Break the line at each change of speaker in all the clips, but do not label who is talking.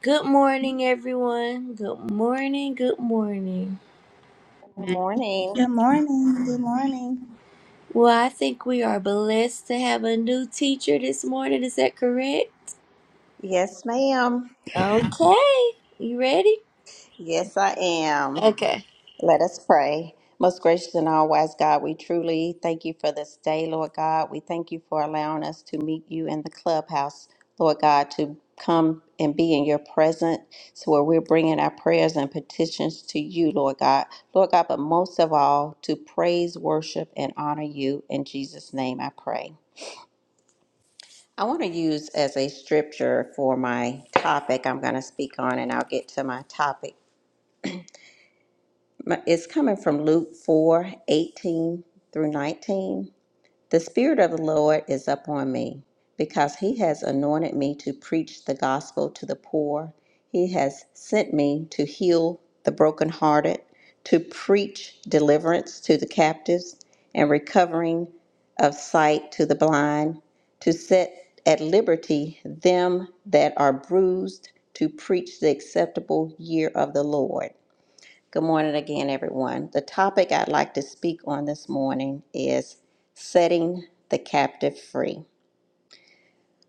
Good morning, everyone. Good morning. Good morning.
Good morning.
Good morning. Good morning.
Well, I think we are blessed to have a new teacher this morning. Is that correct?
Yes, ma'am.
Okay. You ready?
Yes, I am.
Okay.
Let us pray. Most gracious and all wise God, we truly thank you for this day, Lord God. We thank you for allowing us to meet you in the clubhouse, Lord God, to come and be in your presence so where we're bringing our prayers and petitions to you, Lord God. Lord God, but most of all, to praise, worship, and honor you. In Jesus' name I pray. I want to use as a scripture for my topic I'm going to speak on, and I'll get to my topic. My- It's coming from Luke 4:18 through 19. The Spirit of the Lord is upon me, because He has anointed me to preach the gospel to the poor. He has sent me to heal the brokenhearted, to preach deliverance to the captives, and recovering of sight to the blind, to set at liberty them that are bruised, to preach the acceptable year of the Lord. Good morning again, everyone. The topic I'd like to speak on this morning is setting the captive free.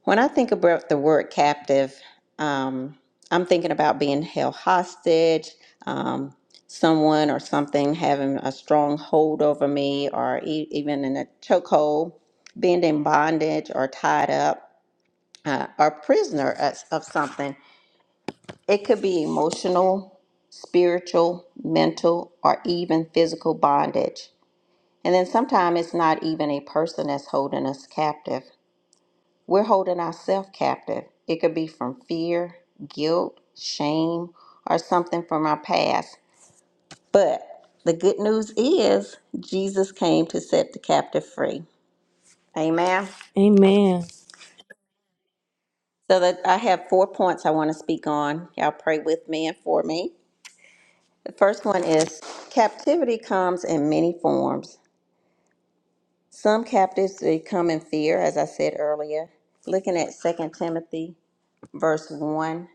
When I think about the word captive, um, I'm thinking about being held hostage, um, someone or something having a strong hold over me, or e- even in a chokehold, being in bondage or tied up, uh, or prisoner of of something. It could be emotional, spiritual, mental, or even physical bondage. And then sometimes it's not even a person that's holding us captive. We're holding ourselves captive. It could be from fear, guilt, shame, or something from our past. But the good news is Jesus came to set the captive free. Amen.
Amen.
So that I have four points I want to speak on. Y'all pray with me and for me. The first one is captivity comes in many forms. Some captives they come in fear, as I said earlier. Looking at Second Timothy verse 1,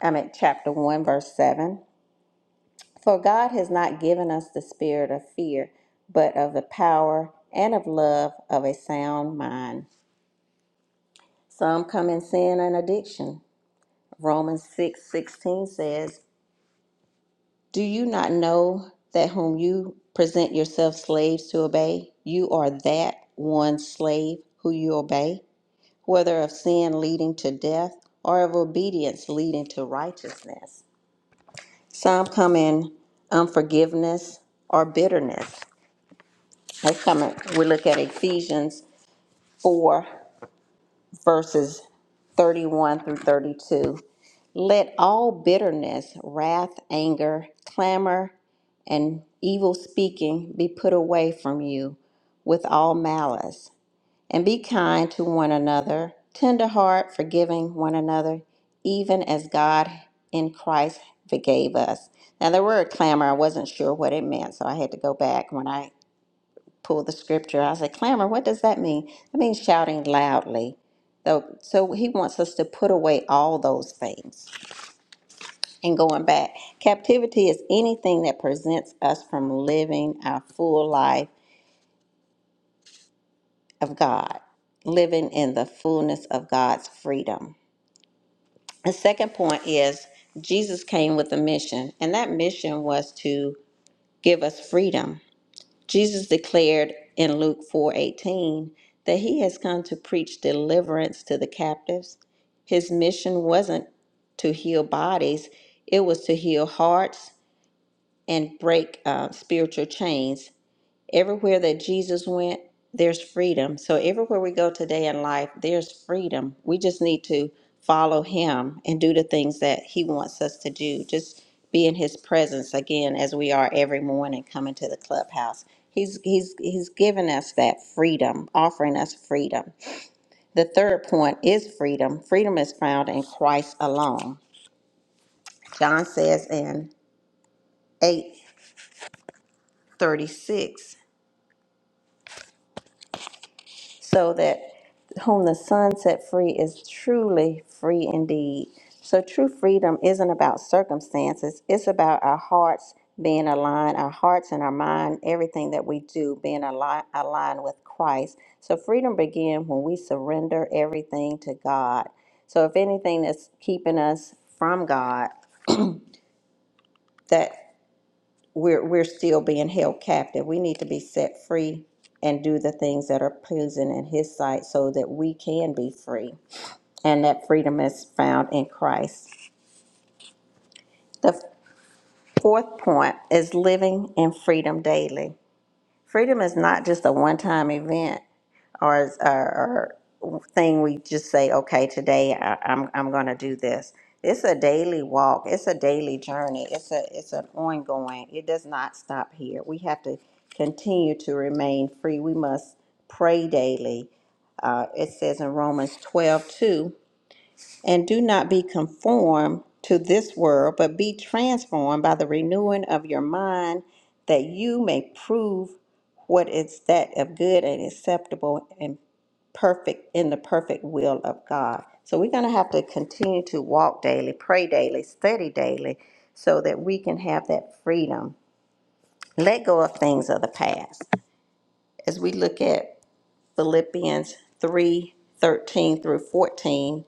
I mean chapter 1, verse 7. For God has not given us the spirit of fear, but of the power and of love of a sound mind. Some come in sin and addiction. Romans 6 16 says, Do you not know that whom you present yourselves slaves to obey, you are that one slave who you obey, whether of sin leading to death or of obedience leading to righteousness? Some come in unforgiveness or bitterness. Let's come in, we look at Ephesians 4 verses 31 through 32. Let all bitterness, wrath, anger, clamor, and evil speaking be put away from you with all malice. And be kind to one another, tender forgiving one another, even as God in Christ forgave us. Now, the word clamor, I wasn't sure what it meant, so I had to go back when I pull the scripture. I said, clamor, what does that mean? That means shouting loudly. So, so he wants us to put away all those things. And going back, captivity is anything that prevents us from living our full life of God, living in the fullness of God's freedom. The second point is Jesus came with a mission, and that mission was to give us freedom Jesus declared in Luke 4:18 that he has come to preach deliverance to the captives. His mission wasn't to heal bodies, it was to heal hearts and break uh, spiritual chains. Everywhere that Jesus went, there's freedom. So everywhere we go today in life, there's freedom. We just need to follow him and do the things that he wants us to do. Just be in his presence again as we are every morning coming to the clubhouse. He's he's he's given us that freedom, offering us freedom. The third point is freedom. Freedom is found in Christ alone. John says in 836 so that whom the Son set free is truly free indeed. So true freedom isn't about circumstances, it's about our hearts being aligned, our hearts and our mind, everything that we do being aligned, aligned with Christ. So freedom begins when we surrender everything to God. So if anything that's keeping us from God, that we're, we're still being held captive. We need to be set free and do the things that are pleasing in His sight so that we can be free. And that freedom is found in Christ. The fourth point is living in freedom daily. Freedom is not just a one time event, or, or, or thing we just say, okay, today I, I'm, I'm going to do this. It's a daily walk. It's a daily journey. It's a, it's an ongoing. It does not stop here. We have to continue to remain free. We must pray daily. Uh, it says in Romans 12 2. And do not be conformed to this world, but be transformed by the renewing of your mind, that you may prove what is that of good and acceptable and perfect in the perfect will of God. So we're going to have to continue to walk daily, pray daily, study daily, so that we can have that freedom. Let go of things of the past. As we look at Philippians 3 13 through 14,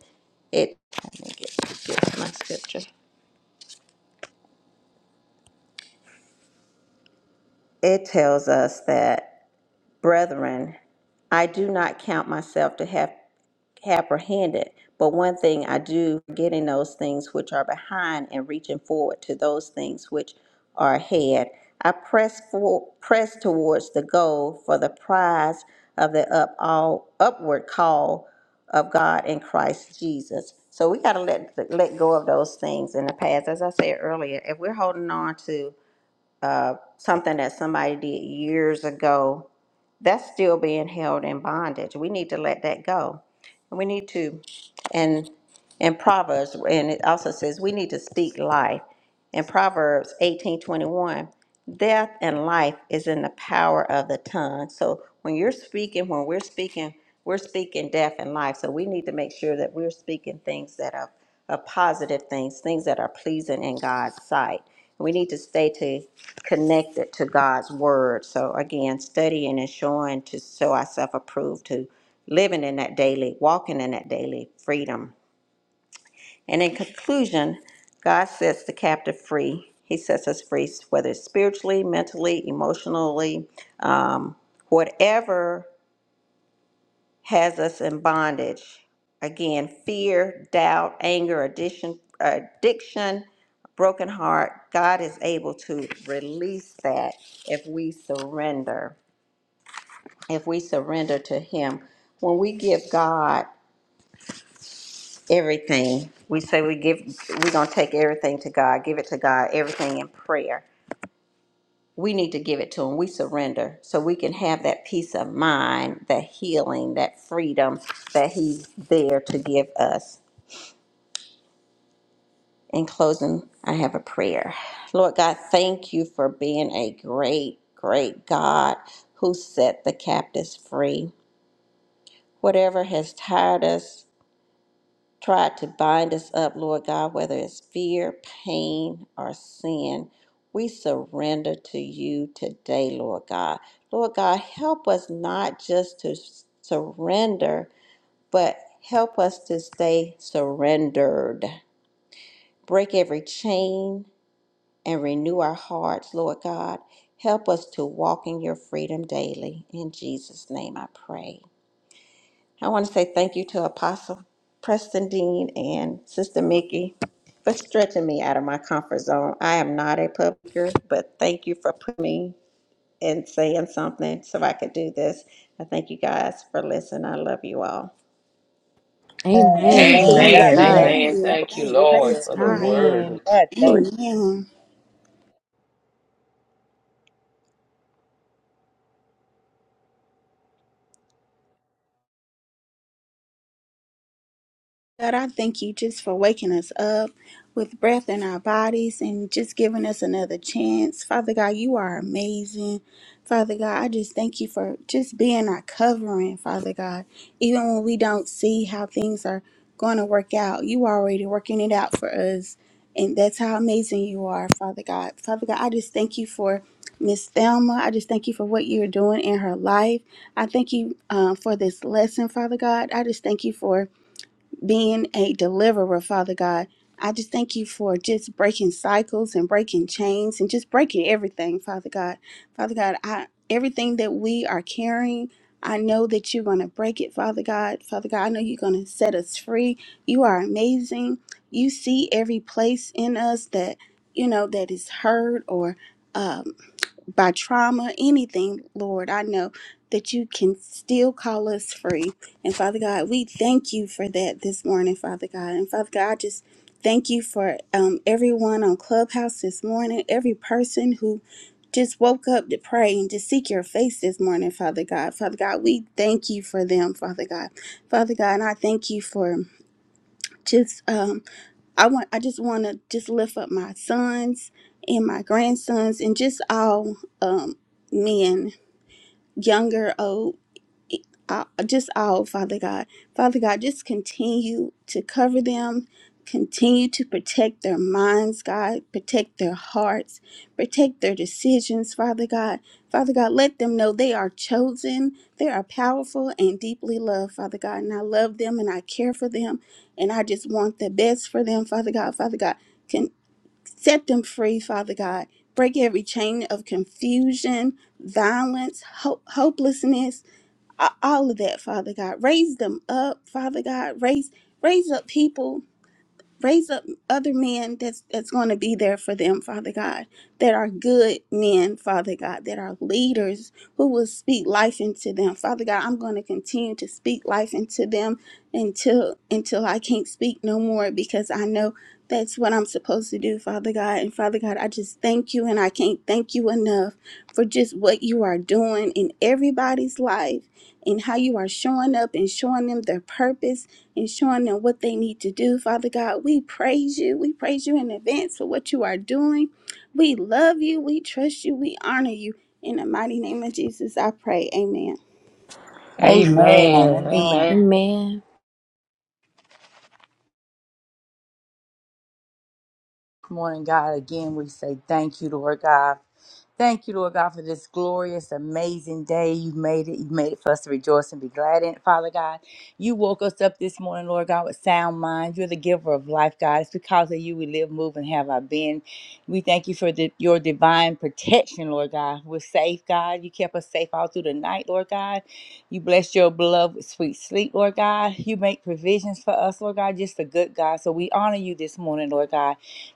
it, let me get, get my scripture. It tells us that, brethren, I do not count myself to have apprehended. But one thing I do, getting those things which are behind and reaching forward to those things which are ahead. I press for, press towards the goal for the prize of the up all upward call of God in Christ Jesus. So we got to let let go of those things in the past. As I said earlier, if we're holding on to uh, something that somebody did years ago that's still being held in bondage. We need to let that go. And we need to, and in Proverbs, and it also says we need to speak life. In Proverbs eighteen twenty one death and life is in the power of the tongue. So when you're speaking, when we're speaking, we're speaking death and life. So we need to make sure that we're speaking things that are, are positive things, things that are pleasing in God's sight. We need to stay to connected to God's word. So again, studying and showing to show ourselves approved to living in that daily, walking in that daily freedom and in conclusion, God sets the captive free. He sets us free, whether it's spiritually, mentally, emotionally, um, whatever has us in bondage. Again, fear, doubt, anger, addiction, addiction, broken heart. God is able to release that if we surrender. If we surrender to Him, when we give God everything. We say we give we're gonna take everything to God, give it to God, everything in prayer. We need to give it to him. We surrender so we can have that peace of mind, that healing, that freedom that he's there to give us. In closing, I have a prayer. Lord God, thank you for being a great, great God who set the captives free. Whatever has tired us, tried to bind us up, Lord God, whether it's fear, pain, or sin. We surrender to you today, Lord God. Lord God, help us not just to surrender, but help us to stay surrendered. Break every chain and renew our hearts, Lord God. Help us to walk in your freedom daily. In Jesus' name I pray. I want to say thank you to Apostle Preston Dean and Sister Mickey for stretching me out of my comfort zone. I am not a publisher, but thank you for putting me and saying something so I could do this. I thank you guys for listening. I love you all.
Amen.
Praise
Amen.
Praise
Amen.
God
We
Amen.
bless
love
God.
you.
Amen.
you.
Thank
Thank you,
Thank
you,
Lord,
Jesus.
praise
for the
God.
word.
Amen.
God, thank
God.
Amen. God, I thank you just for waking us up with breath in our bodies and just giving us another chance. Father God, you are amazing. Father God, I just thank you for just being our covering, Father God. Even when we don't see how things are going to work out, you are already working it out for us. And that's how amazing you are, Father God. Father God, I just thank you for Miss Thelma. I just thank you for what you're doing in her life. I thank you uh, for this lesson, Father God. I just thank you for being a deliverer, Father God. I just thank you for just breaking cycles and breaking chains and just breaking everything, Father God. Father God, I everything that we are carrying, I know that you're going to break it, Father God. Father God, I know you're going to set us free. You are amazing. You see every place in us that, you know, that is hurt or um, by trauma, anything, Lord, I know that you can still call us free. And Father God, we thank you for that this morning, Father God. And Father God, I just thank you for um, everyone on Clubhouse this morning, every person who just woke up to pray and to seek your face this morning, Father God. Father God, we thank you for them, Father God. Father God, and I thank you for just. Um, I want I just want to just lift up my sons and my grandsons and just all um men younger old uh, just all, Father God. Father God, just continue to cover them, continue to protect their minds, God, protect their hearts, protect their decisions, Father God. Father God, let them know they are chosen, they are powerful and deeply loved, Father God. And I love them and I care for them and I just want the best for them, Father God. Father God, can set them free, Father God. Break every chain of confusion, violence, ho- hopelessness, a- all of that, Father God. Raise them up, Father God. Raise raise up people raise up other men that's that's going to be there for them father god that are good men father god that are leaders who will speak life into them father god i'm going to continue to speak life into them until until i can't speak no more because i know that's what i'm supposed to do father god and father god i just thank you and i can't thank you enough for just what you are doing in everybody's life and how you are showing up and showing them their purpose and showing them what they need to do. Father God, we praise you. We praise you in advance for what you are doing. We love you. We trust you. We honor you. In the mighty name of Jesus, I pray. Amen.
you. Amen.
Amen.
Amen.
Amen.
Amen.
morning, God. Again, we say thank you, Lord God. Thank you, Lord God, for this glorious, amazing day. You've made it. You've made it for us to rejoice and be glad in it, Father God. You woke us up this morning, Lord God, with sound mind. You're the giver of life, God. It's because of you we live, move, and have our being. We thank you for the, your divine protection, Lord God. We're safe, God. You kept us safe all through the night, Lord God. You blessed your beloved with sweet sleep, Lord God. You make provisions for us, Lord God. Just a good God. So we honor you this morning, Lord God.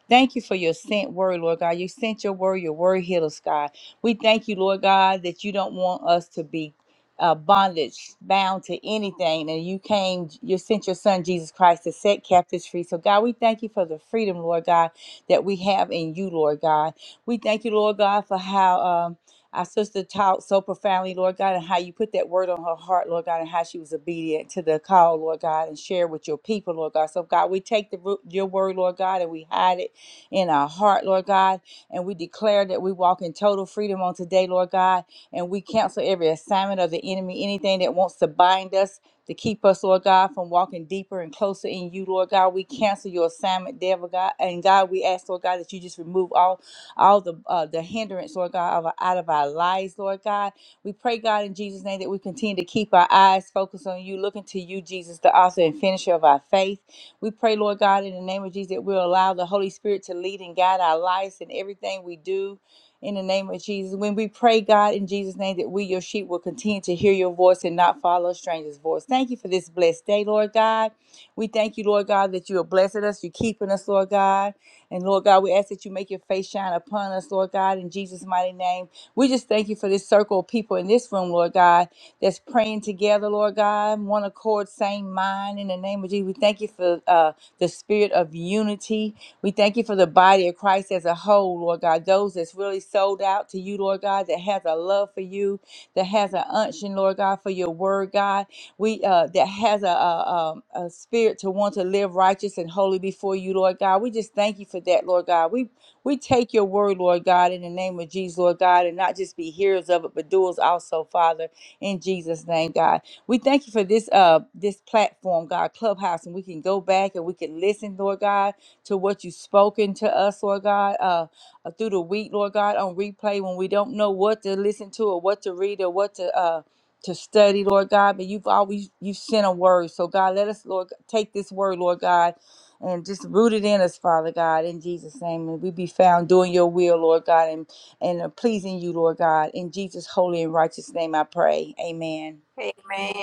Thank you for your sent word, Lord God. You sent your word, your word healed us, God. We thank you, Lord God, that you don't want us to be uh, bondage bound to anything. And you came, you sent your son, Jesus Christ, to set captives free. So, God, we thank you for the freedom, Lord God, that we have in you, Lord God. We thank you, Lord God, for how. Um, our sister taught so profoundly, Lord God, and how you put that word on her heart, Lord God, and how she was obedient to the call, Lord God, and share with your people, Lord God. So, God, we take the ru- your word, Lord God, and we hide it in our heart, Lord God. And we declare that we walk in total freedom on today, Lord God. And we cancel every assignment of the enemy, anything that wants to bind us. To keep us, Lord God, from walking deeper and closer in you, Lord God, we cancel your assignment, devil God, and God, we ask, Lord God, that you just remove all, all the uh, the hindrance, Lord God, of, our- out of our lives, Lord God, we pray, God, in Jesus' name, that we continue to keep our eyes focused on you, looking to you, Jesus, the author and finisher of our faith. We pray, Lord God, in the name of Jesus, that we'll allow the Holy Spirit to lead and guide our lives and everything we do. In the name of Jesus, when we pray, God, in Jesus' name, that we, your sheep, will continue to hear your voice and not follow a stranger's voice. Thank you for this blessed day, Lord God. We thank you, Lord God, that you are blessing us, you're keeping us, Lord God. And Lord God, we ask that you make your face shine upon us, Lord God, in Jesus' mighty name. We just thank you for this circle of people in this room, Lord God that's praying together, Lord God, one accord, same mind. In the name of Jesus, we thank you for uh, the spirit of unity. We thank you for the body of Christ as a whole, Lord God. Those that's really sold out to you, Lord God, that has a love for you, that has an unction, Lord God, for your word, God. We uh, that has a, a, a a spirit to want to live righteous and holy before you, Lord God. We just thank you for that, Lord God. We we take your word, Lord God, in the name of Jesus, Lord God, and not just be hearers of it, but doers also, Father in Jesus' name, God. We thank you for this uh this platform, God, Clubhouse, and we can go back and we can listen, Lord God, to what you've spoken to us, Lord God, uh uh, through the week, Lord God, on replay when we don't know what to listen to or what to read or what to uh to study, Lord God, but you've always you sent a word. So God, let us, Lord, take this word, Lord God, and just root it in us, Father God, in Jesus' name. And we be found doing your will, Lord God, and are pleasing you, Lord God. In Jesus' holy and righteous name I pray. Amen.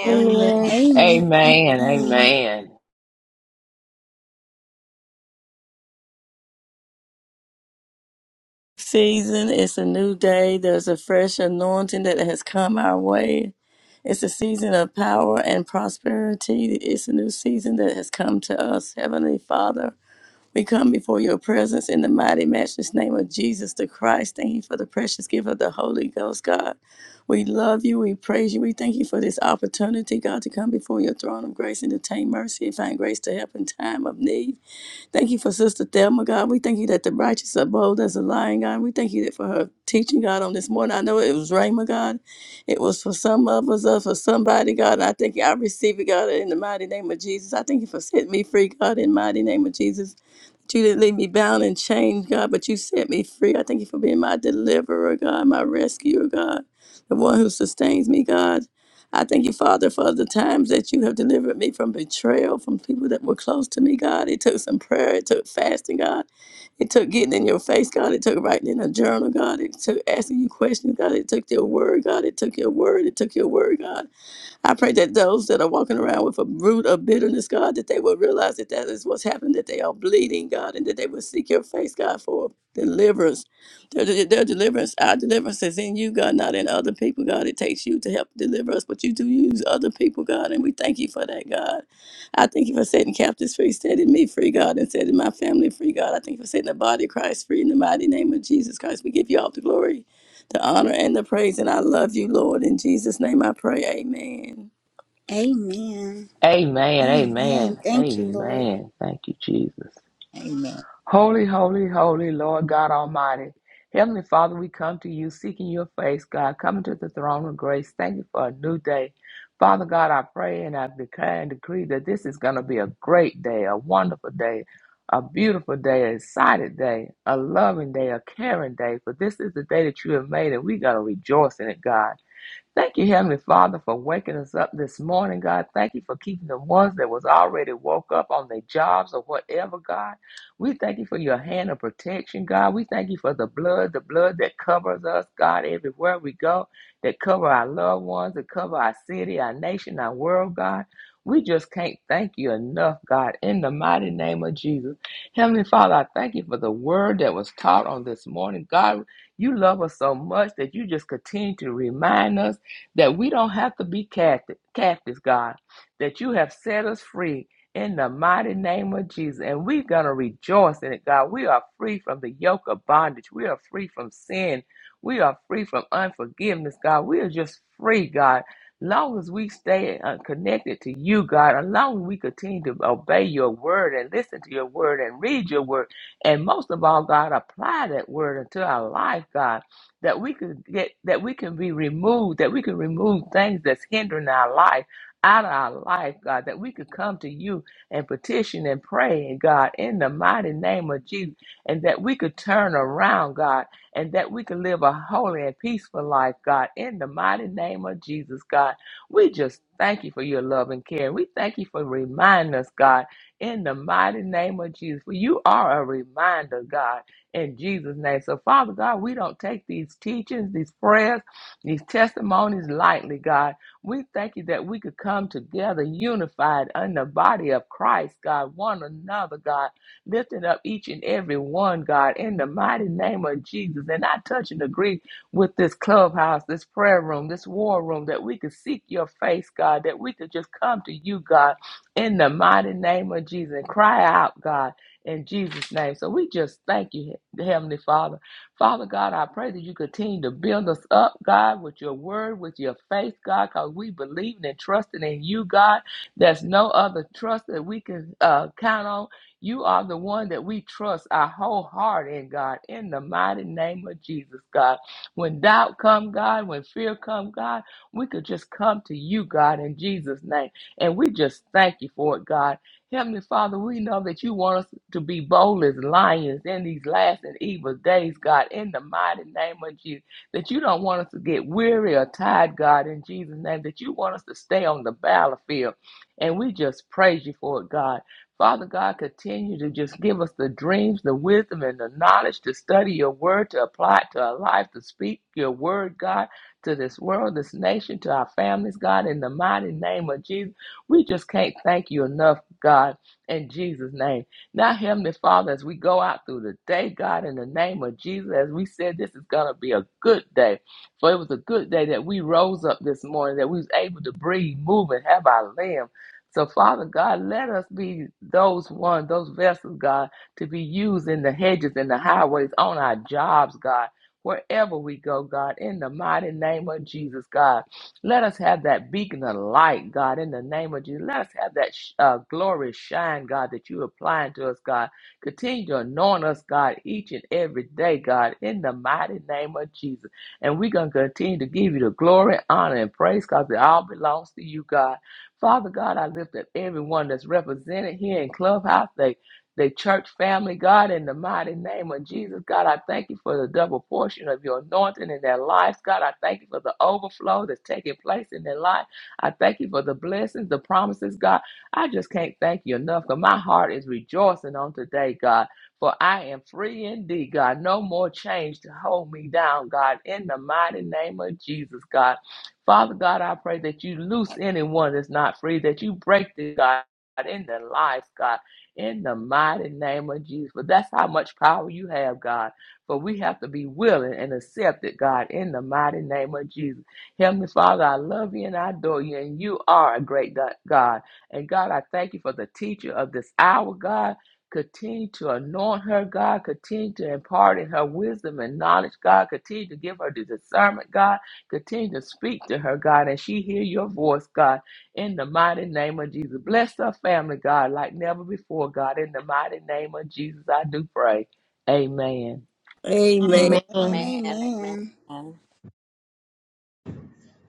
Amen.
Amen.
Amen.
Amen. Amen.
Amen.
Season, it's a new day. There's a fresh anointing that has come our way. It's a season of power and prosperity. It's a new season that has come to us, Heavenly Father. We come before your presence in the mighty, matchless name of Jesus the Christ. Thank you for the precious gift of the Holy Ghost, God. We love you. We praise you. We thank you for this opportunity, God, to come before your throne of grace and obtain mercy and find grace to help in time of need. Thank you for Sister Thelma, God. We thank you that the righteous are bold as a lion, God. We thank you that for her teaching, God, on this morning. I know it was Rhema, God. It was for some of us, uh, for somebody, God. And I thank you. I receive it, God, in the mighty name of Jesus. I thank you for setting me free, God, in the mighty name of Jesus. That you didn't leave me bound and chained, God, but you set me free. I thank you for being my deliverer, God, my rescuer, God, the one who sustains me, God. I thank you, Father, for the times that you have delivered me from betrayal, from people that were close to me, God. It took some prayer, it took fasting, God. It took getting in your face, God. It took writing in a journal, God. It took asking you questions, God. It took your word, God. It took your word. It took your word, God. I pray that those that are walking around with a root of bitterness, God, that they will realize that that is what's happened, that they are bleeding, God, and that they will seek your face, God, for deliverance. Their, their deliverance, our deliverance is in you, God, not in other people, God. It takes you to help deliver us, but you do use other people, God, and we thank you for that, God. I thank you for setting captives free, setting me free, God, and setting my family free, God. I thank you for setting the body of Christ free in the mighty name of Jesus Christ. We give you all the glory, the honor, and the praise, and I love you, Lord. In Jesus' name I pray, amen.
Amen.
Amen.
Amen.
Amen.
Thank you, Lord.
Amen. Thank you, Jesus.
Amen.
Holy, holy, holy Lord God Almighty. Heavenly Father, we come to you seeking your face, God, coming to the throne of grace. Thank you for a new day. Father God, I pray and I declare and decree that this is going to be a great day, a wonderful day, a beautiful day, an excited day, a loving day, a caring day. For this is the day that you have made, and we got to rejoice in it, God. Thank you, Heavenly Father, for waking us up this morning, God. Thank you for keeping the ones that was already woke up on their jobs or whatever, God. We thank you for your hand of protection, God. We thank you for the blood, the blood that covers us, God, everywhere we go, that cover our loved ones, that cover our city, our nation, our world, God. We just can't thank you enough, God, in the mighty name of Jesus. Heavenly Father, I thank you for the word that was taught on this morning. God, you love us so much that you just continue to remind us that we don't have to be captive, captives, God, that you have set us free in the mighty name of Jesus. And we're going to rejoice in it, God. We are free from the yoke of bondage. We are free from sin. We are free from unforgiveness, God. We are just free, God. Long as we stay uh, connected to you, God, and long as we continue to obey your word and listen to your word and read your word, and most of all, God, apply that word into our life, God that we can get that we can be removed that we can remove things that's hindering our life out of our life god that we could come to you and petition and pray and god in the mighty name of jesus and that we could turn around god and that we could live a holy and peaceful life god in the mighty name of jesus god we just thank you for your love and care we thank you for reminding us god in the mighty name of jesus for you are a reminder god in Jesus' name. So, Father God, we don't take these teachings, these prayers, these testimonies lightly, God. We thank you that we could come together unified in the body of Christ, God, one another, God, lifting up each and every one, God, in the mighty name of Jesus. And I touch and agree with this clubhouse, this prayer room, this war room, that we could seek your face, God, that we could just come to you, God, in the mighty name of Jesus and cry out, God in Jesus' name. So we just thank you, Heavenly Father. Father God, I pray that you continue to build us up, God, with your word, with your faith, God, because we believe and trust in you, God. There's no other trust that we can uh, count on. You are the one that we trust our whole heart in, God, in the mighty name of Jesus, God. When doubt come, God, when fear come, God, we could just come to you, God, in Jesus' name. And we just thank you for it, God. Heavenly Father, we know that you want us to be bold as lions in these last and evil days, God, in the mighty name of Jesus. That you don't want us to get weary or tired, God, in Jesus' name. That you want us to stay on the battlefield. And we just praise you for it, God. Father God, continue to just give us the dreams, the wisdom, and the knowledge to study your word, to apply it to our life, to speak your word, God, to this world, this nation, to our families, God, in the mighty name of Jesus. We just can't thank you enough, God, in Jesus' name. Now, Heavenly Father, as we go out through the day, God, in the name of Jesus, as we said, this is going to be a good day. For it was a good day that we rose up this morning, that we was able to breathe, move, and have our limb. So, Father God, let us be those one, those vessels, God, to be used in the hedges and the highways, on our jobs, God, wherever we go, God, in the mighty name of Jesus, God. Let us have that beacon of light, God, in the name of Jesus. Let us have that sh- uh, glory shine, God, that you applying to us, God. Continue to anoint us, God, each and every day, God, in the mighty name of Jesus. And we're going to continue to give you the glory, honor, and praise, because it all belongs to you, God. Father God, I lift up everyone that's represented here in Clubhouse. They the church family, God, in the mighty name of Jesus. God, I thank you for the double portion of your anointing in their lives. God, I thank you for the overflow that's taking place in their life. I thank you for the blessings, the promises, God. I just can't thank you enough because my heart is rejoicing on today, God. For I am free indeed, God. No more chains to hold me down, God, in the mighty name of Jesus, God. Father God, I pray that you loose anyone that's not free, that you break the God in their lives, God in the mighty name of Jesus. For that's how much power you have, God. But we have to be willing and accept it, God, in the mighty name of Jesus. Heavenly Father, I love you and I adore you, and you are a great God. And God, I thank you for the teacher of this hour, God. Continue to anoint her, God. Continue to impart in her wisdom and knowledge, God. Continue to give her the discernment, God. Continue to speak to her, God, and she hear your voice, God in the mighty name of Jesus. Bless her family, God, like never before, God. In the mighty name of Jesus, I do pray. Amen.
Amen.
Amen.
Amen.
Man, amen.
Amen.
Amen,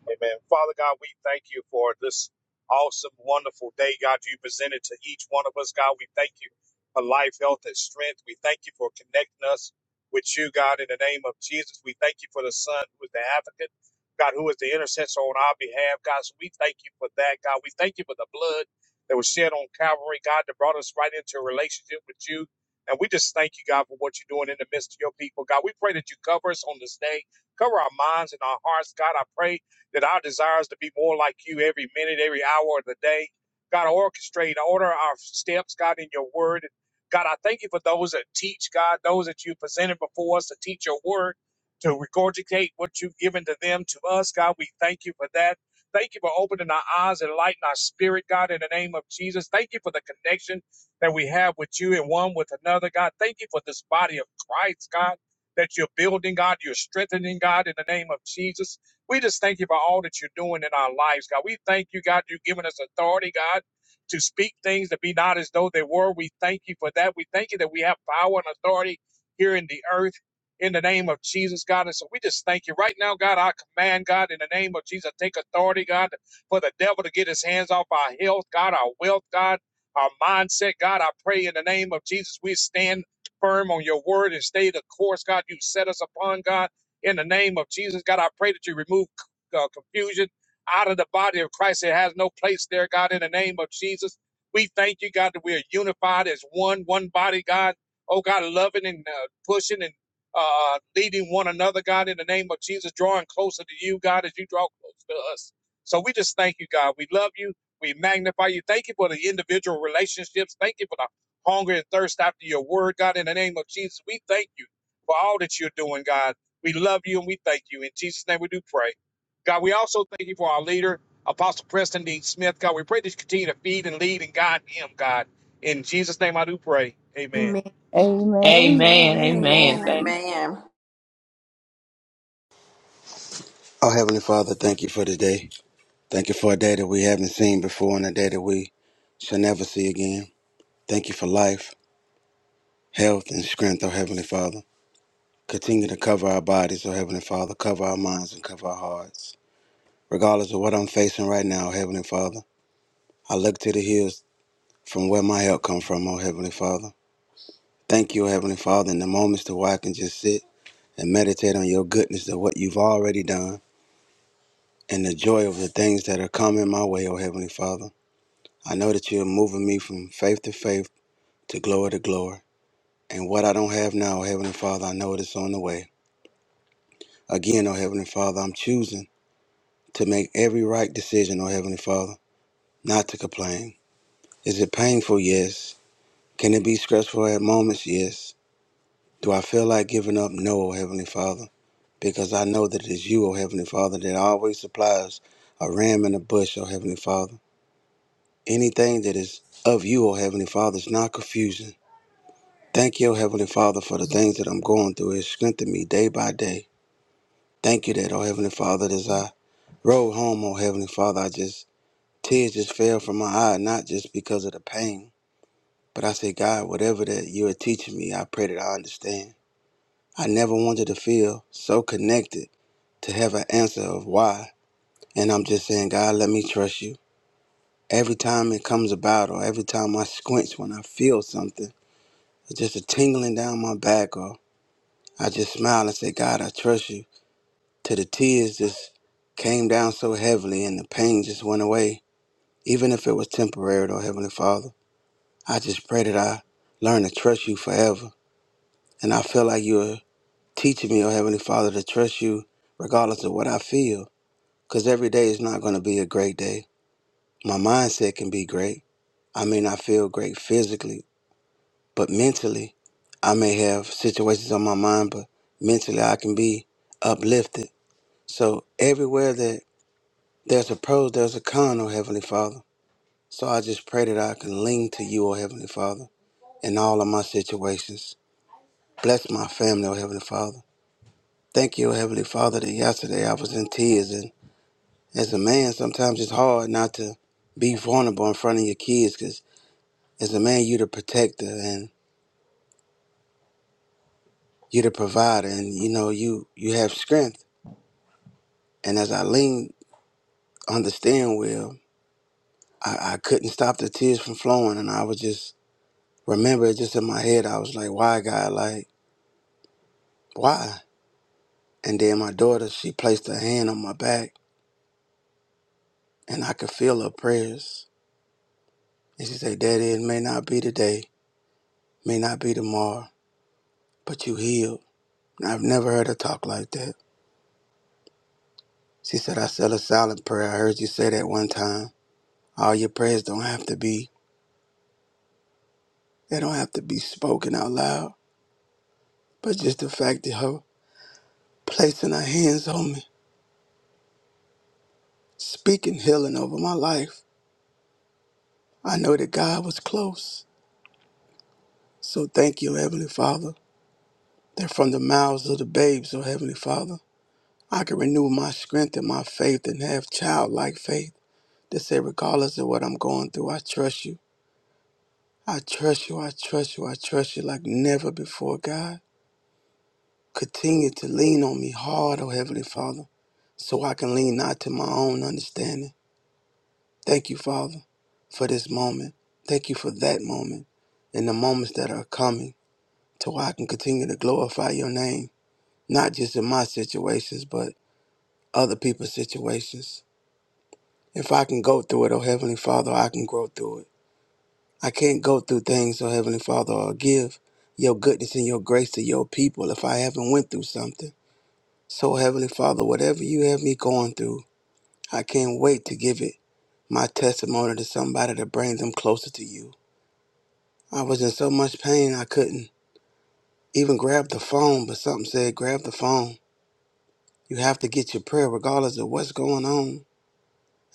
Amen. Father God, we thank you for this awesome, wonderful day, God, you presented to each one of us. God, we thank you for life, health, and strength. We thank you for connecting us with you, God, in the name of Jesus. We thank you for the Son who is the advocate, God, who is the intercessor on our behalf. God, so we thank you for that, God. We thank you for the blood that was shed on Calvary, God, that brought us right into a relationship with you. And we just thank you, God, for what you're doing in the midst of your people. God, we pray that you cover us on this day. Cover our minds and our hearts. God, I pray that our desires to be more like you every minute, every hour of the day. God, orchestrate, order our steps, God, in your word. God, I thank you for those that teach, God, those that you presented before us to teach your word, to regurgitate what you've given to them, to us, God. We thank you for that. Thank you for opening our eyes and lighting our spirit, God, in the name of Jesus. Thank you for the connection that we have with you and one with another, God. Thank you for this body of Christ, God, that you're building, God, you're strengthening, God, in the name of Jesus. We just thank you for all that you're doing in our lives, God. We thank you, God, you've given us authority, God, to speak things that be not as though they were. We thank you for that. We thank you that we have power and authority here in the earth in the name of Jesus, God. And so we just thank you right now, God. I command, God, in the name of Jesus, take authority, God, for the devil to get his hands off our health, God, our wealth, God, our mindset, God. I pray in the name of Jesus, we stand firm on your word and stay the course, God, you set us upon, God. In the name of Jesus, God, I pray that you remove uh, confusion out of the body of Christ. It has no place there, God, in the name of Jesus. We thank you, God, that we are unified as one, one body, God. Oh, God, loving and uh, pushing and uh, uh, leading one another, God, in the name of Jesus, drawing closer to you, God, as you draw close to us. So we just thank you, God. We love you. We magnify you. Thank you for the individual relationships. Thank you for the hunger and thirst after your word, God, in the name of Jesus. We thank you for all that you're doing, God. We love you and we thank you. In Jesus' name we do pray. God, we also thank you for our leader, Apostle Preston D. Smith. God, we pray that you continue to feed and lead and guide him, God. In Jesus' name I do pray. Amen.
Amen.
Amen.
Amen. Amen. Thank.
Amen.
amen.
Oh, Heavenly Father, thank you for today. Thank you for a day that we haven't seen before and a day that we shall never see again. Thank you for life, health, and strength, oh Heavenly Father. Continue to cover our bodies, oh Heavenly Father. Cover our minds and cover our hearts. Regardless of what I'm facing right now, oh Heavenly Father, I look to the hills from where my help comes from, oh Heavenly Father. Thank you, oh Heavenly Father, in the moments to where I can just sit and meditate on your goodness of what you've already done and the joy of the things that are coming my way, oh Heavenly Father. I know that you're moving me from faith to faith to glory to glory. And what I don't have now, Heavenly Father, I know it is on the way. Again, oh Heavenly Father, I'm choosing to make every right decision, oh Heavenly Father, not to complain. Is it painful? Yes. Can it be stressful at moments? Yes. Do I feel like giving up? No, oh Heavenly Father, because I know that it is you, oh Heavenly Father, that always supplies a ram in a bush, oh Heavenly Father. Anything that is of you, oh Heavenly Father, is not confusing. Thank you, O Heavenly Father, for the things that I'm going through. It strengthened me day by day. Thank you that, oh Heavenly Father, as I rode home, oh Heavenly Father, I just, tears just fell from my eye, not just because of the pain, but I said, God, whatever that you are teaching me, I pray that I understand. I never wanted to feel so connected to have an answer of why. And I'm just saying, God, let me trust you. Every time it comes about, or every time I squinch when I feel something, it's just a tingling down my back, or I just smile and say, God, I trust you. till the tears just came down so heavily and the pain just went away, even if it was temporary, though, Heavenly Father. I just pray that I learn to trust you forever. And I feel like you're teaching me, oh Heavenly Father, to trust you regardless of what I feel. Because every day is not going to be a great day. My mindset can be great. I may not feel great physically, but mentally, I may have situations on my mind, but mentally I can be uplifted. So everywhere that There's a pros, there's a con, oh Heavenly Father. So I just pray that I can lean to you, oh Heavenly Father, in all of my situations. Bless my family, oh Heavenly Father. Thank you, oh Heavenly Father, that yesterday I was in tears. And as a man, sometimes it's hard not to be vulnerable in front of your kids because as a man, you're the protector and you're the provider and you know, you, you have strength. And as I leaned on the steering wheel, I, I couldn't stop the tears from flowing. And I was just, remember, just in my head, I was like, why, God, like, Why? And then my daughter, she placed her hand on my back and I could feel her prayers. And she said, Daddy, it may not be today, may not be tomorrow, but you healed. And I've never heard her talk like that. She said, I said a silent prayer. I heard you say that one time. All your prayers don't have to be, they don't have to be spoken out loud. But just the fact that her placing her hands on me, speaking healing over my life, I know that God was close. So thank you, Heavenly Father They're from the mouths of the babes, O Heavenly Father. I can renew my strength and my faith and have childlike faith to say, regardless of what I'm going through, I trust you. I trust you, I trust you, I trust you like never before, God. Continue to lean on me hard, O Heavenly Father, so I can lean not to my own understanding. Thank you, Father, for this moment. Thank you for that moment and the moments that are coming, to where I can continue to glorify your name, not just in my situations, but other people's situations. If I can go through it, oh Heavenly Father, I can grow through it. I can't go through things, oh Heavenly Father, or give your goodness and your grace to your people if I haven't went through something. So Heavenly Father, whatever you have me going through, I can't wait to give it my testimony to somebody to bring them closer to you. I was in so much pain I couldn't even grab the phone, but something said, grab the phone. You have to get your prayer regardless of what's going on.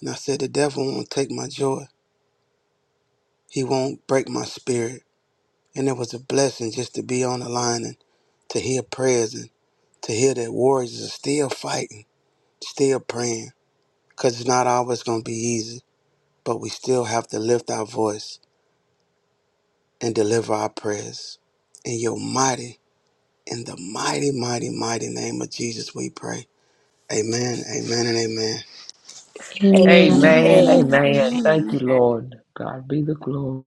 And I said, the devil won't take my joy. He won't break my spirit. And it was a blessing just to be on the line and to hear prayers and to hear that warriors are still fighting, still praying. Because it's not always going to be easy, but we still have to lift our voice and deliver our prayers. In your mighty, in the mighty, mighty, mighty name of Jesus, we pray. Amen, amen, and amen.
Amen.
Amen.
Amen.
Amen. Thank you,
Amen. Amen.
Amen.
Lord. God be the glory.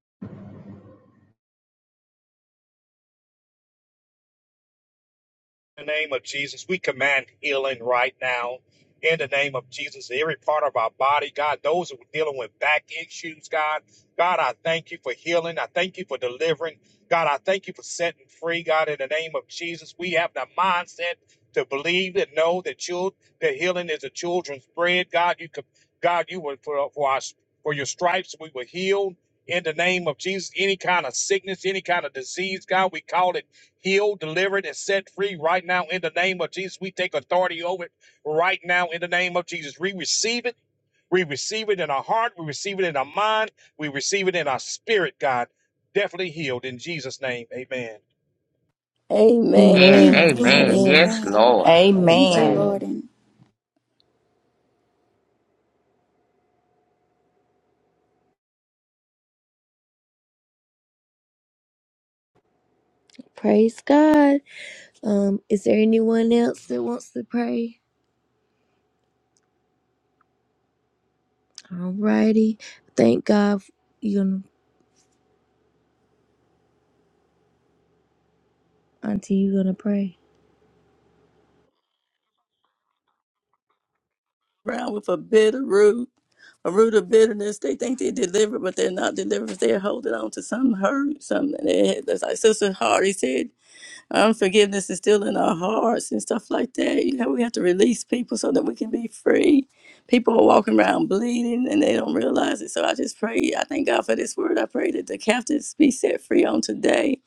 In the name of Jesus, we command healing right now. In the name of Jesus, every part of our body, God, those who are dealing with back issues, God, God, I thank you for healing. I thank you for delivering. God, I thank you for setting free. God, in the name of Jesus, we have the mindset to believe and know that you that healing is a children's bread. God, you could, God, you were for for us for your stripes we were healed. In the name of Jesus, any kind of sickness, any kind of disease, God, we call it healed, delivered, and set free right now in the name of Jesus. We take authority over it right now in the name of Jesus. We receive it. We receive it in our heart. We receive it in our mind. We receive it in our spirit, God. Definitely healed in Jesus' name. Amen.
Amen.
Amen.
Amen.
Amen.
Lord.
Amen.
Amen.
Yes,
Amen.
Lord.
Thank you,
Amen.
Lord.
Amen.
And
Praise God. Um, is there anyone else that wants to pray? Alrighty. Thank God. You know. Auntie, you gonna pray?
Brown with a bitter root, a root of bitterness. They think they're delivered, but they're not delivered. They're holding on to some hurt, something. They- That's like Sister Hardy said, unforgiveness is still in our hearts and stuff like that. You know, we have to release people so that we can be free. People are walking around bleeding and they don't realize it. So I just pray. I thank God for this word. I pray that the captives be set free on today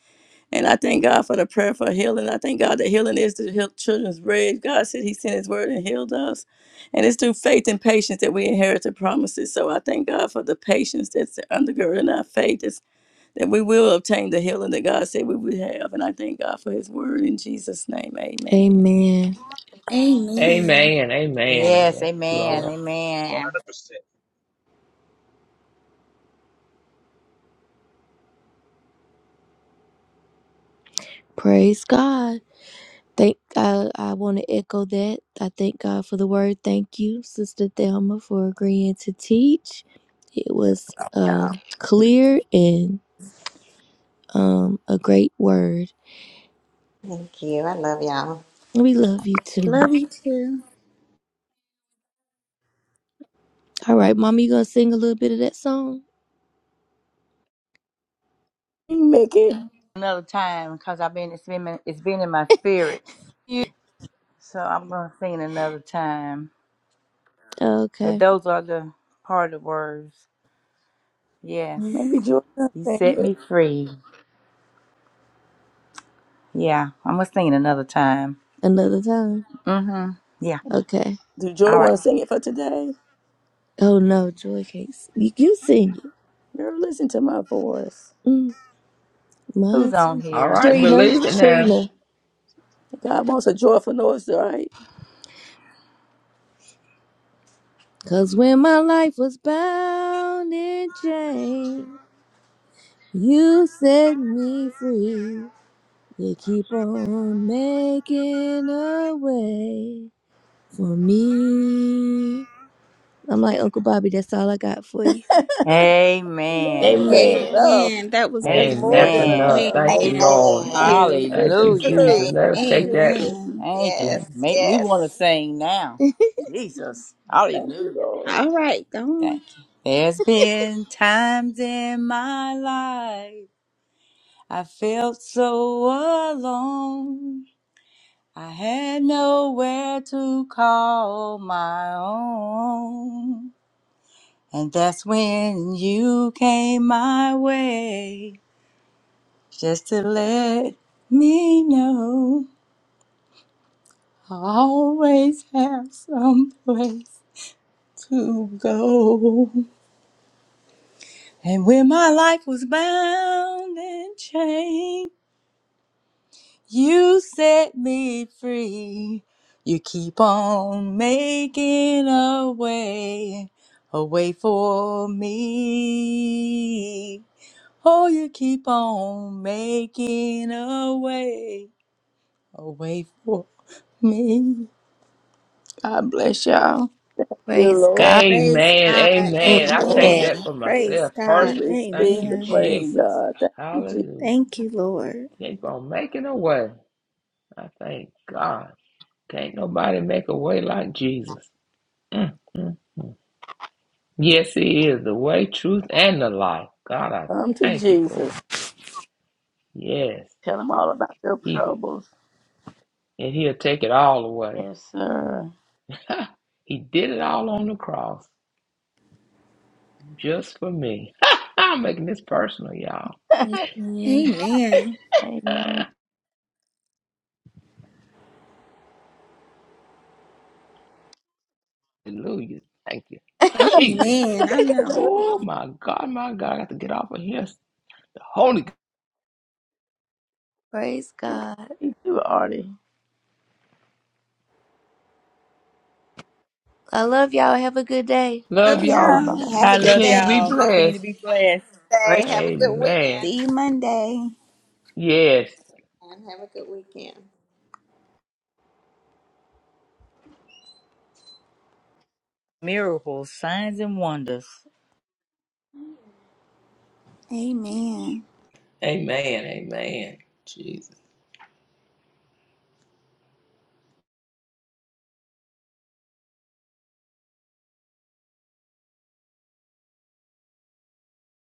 And I thank God for the prayer for healing. I thank God that healing is the heal- children's bread. God said He sent His word and healed us. And it's through faith and patience that we inherit the promises. So I thank God for the patience that's undergirding our faith, is that we will obtain the healing that God said we would have. And I thank God for His word in Jesus' name. Amen.
Amen.
amen.
Amen. Amen.
Yes,
Yes,
Thank you.
amen.
Lord.
Amen.
Amen.
100%.
Praise God. Thank I I want to echo that. I thank God for the word. Thank you, Sister Thelma, for agreeing to teach. It was
Oh,
um, clear and um, a great word.
thank you. I love y'all.
We love you too.
Love you too.
All right, Mama, you gonna sing a little bit of that song?
You can make it.
Another time because I've been it's been it's been in my spirit. You- So I'm gonna sing it another time. But
Okay.
those are the part of words. Yes.
Mm.
Maybe Joy will
You
sing
set me
it.
free. Yeah, I'm gonna sing it another time.
Another time.
Mm-hmm. Yeah.
Okay.
Do Joy
All
want
right.
to sing it for today?
Oh no, Joy can't. s- You, you sing it.
Girl, listen to my voice.
Mm, mine
Who's on
too.
All
here?
right,
Trina,
believe it now.
Trina.
God wants a joyful noise, right?
Cause when my life was bound in chains, you set me free. You keep on making a way for me. I'm like, Uncle Bobby, that's all I got for you.
Amen.
Amen.
That's
Amen.
enough.
Amen. That was
That's
Man,
more
beautiful.
that's
than
Amen.
enough.
enough.
Thank you,
Amen.
Lord.
Thank
Amen.
you.
That is
Thank
the
you,
Hallelujah.
Jesus.
truth.
Let
Thank
us
you,
Amen.
take that
Jesus.
Amen.
Thank you.
and
Yes,
Make me want to
yes.
sing now. Jesus.
Thank you,
Hallelujah.
Lord.
All right, go
Thank
on.
you. There's been times in my life I felt so alone. I had nowhere to call my own. And that's when you came my way just to let me know I always have some place to go. And when my life was bound and chained, you set me free. You keep on making a way, a way for me. Oh, you keep on making a way, a way for me. God bless y'all.
Dear
Praise
Lord,
God.
Praise
Amen.
God.
Amen. I
Lord,
take
Amen.
Yeah.
that
Amen.
for
Praise
myself
we
God.
personal. Thank
receive
you,
the
Amen.
Yeah.
way,
Jesus.
God. Thank you, Jesus.
Hallelujah.
Thank you, Lord.
Keep on making a way. I thank God. Can't nobody make a way like Jesus. Mm. Yes, He is the way, truth, and the life. God, I
Come to
thank you for it.
Jesus.
Yes.
Tell him all about your
He
troubles.
and He'll take it all away.
Yes, sir.
He did it all on the cross just for me. I'm making this personal, y'all.
Amen.
Amen.
Amen.
Hallelujah. Thank you. Jesus.
Amen. I know.
Oh my God, my God, I got to get off of here. The Holy Ghost.
Praise God.
You too, Artie.
I love y'all. Have a good day.
Love
Love
Love y'all. Bye
y'all.
y'all.
bye.
Have
I
a good
love
Continue to be
y'all.
day.
Continue to
blessed.
be blessed.
Say, have a good
Amen.
weekend.
See you Monday.
Yes.
And have a good weekend.
Miracles, signs, and wonders.
Amen.
Amen. Amen. Jesus.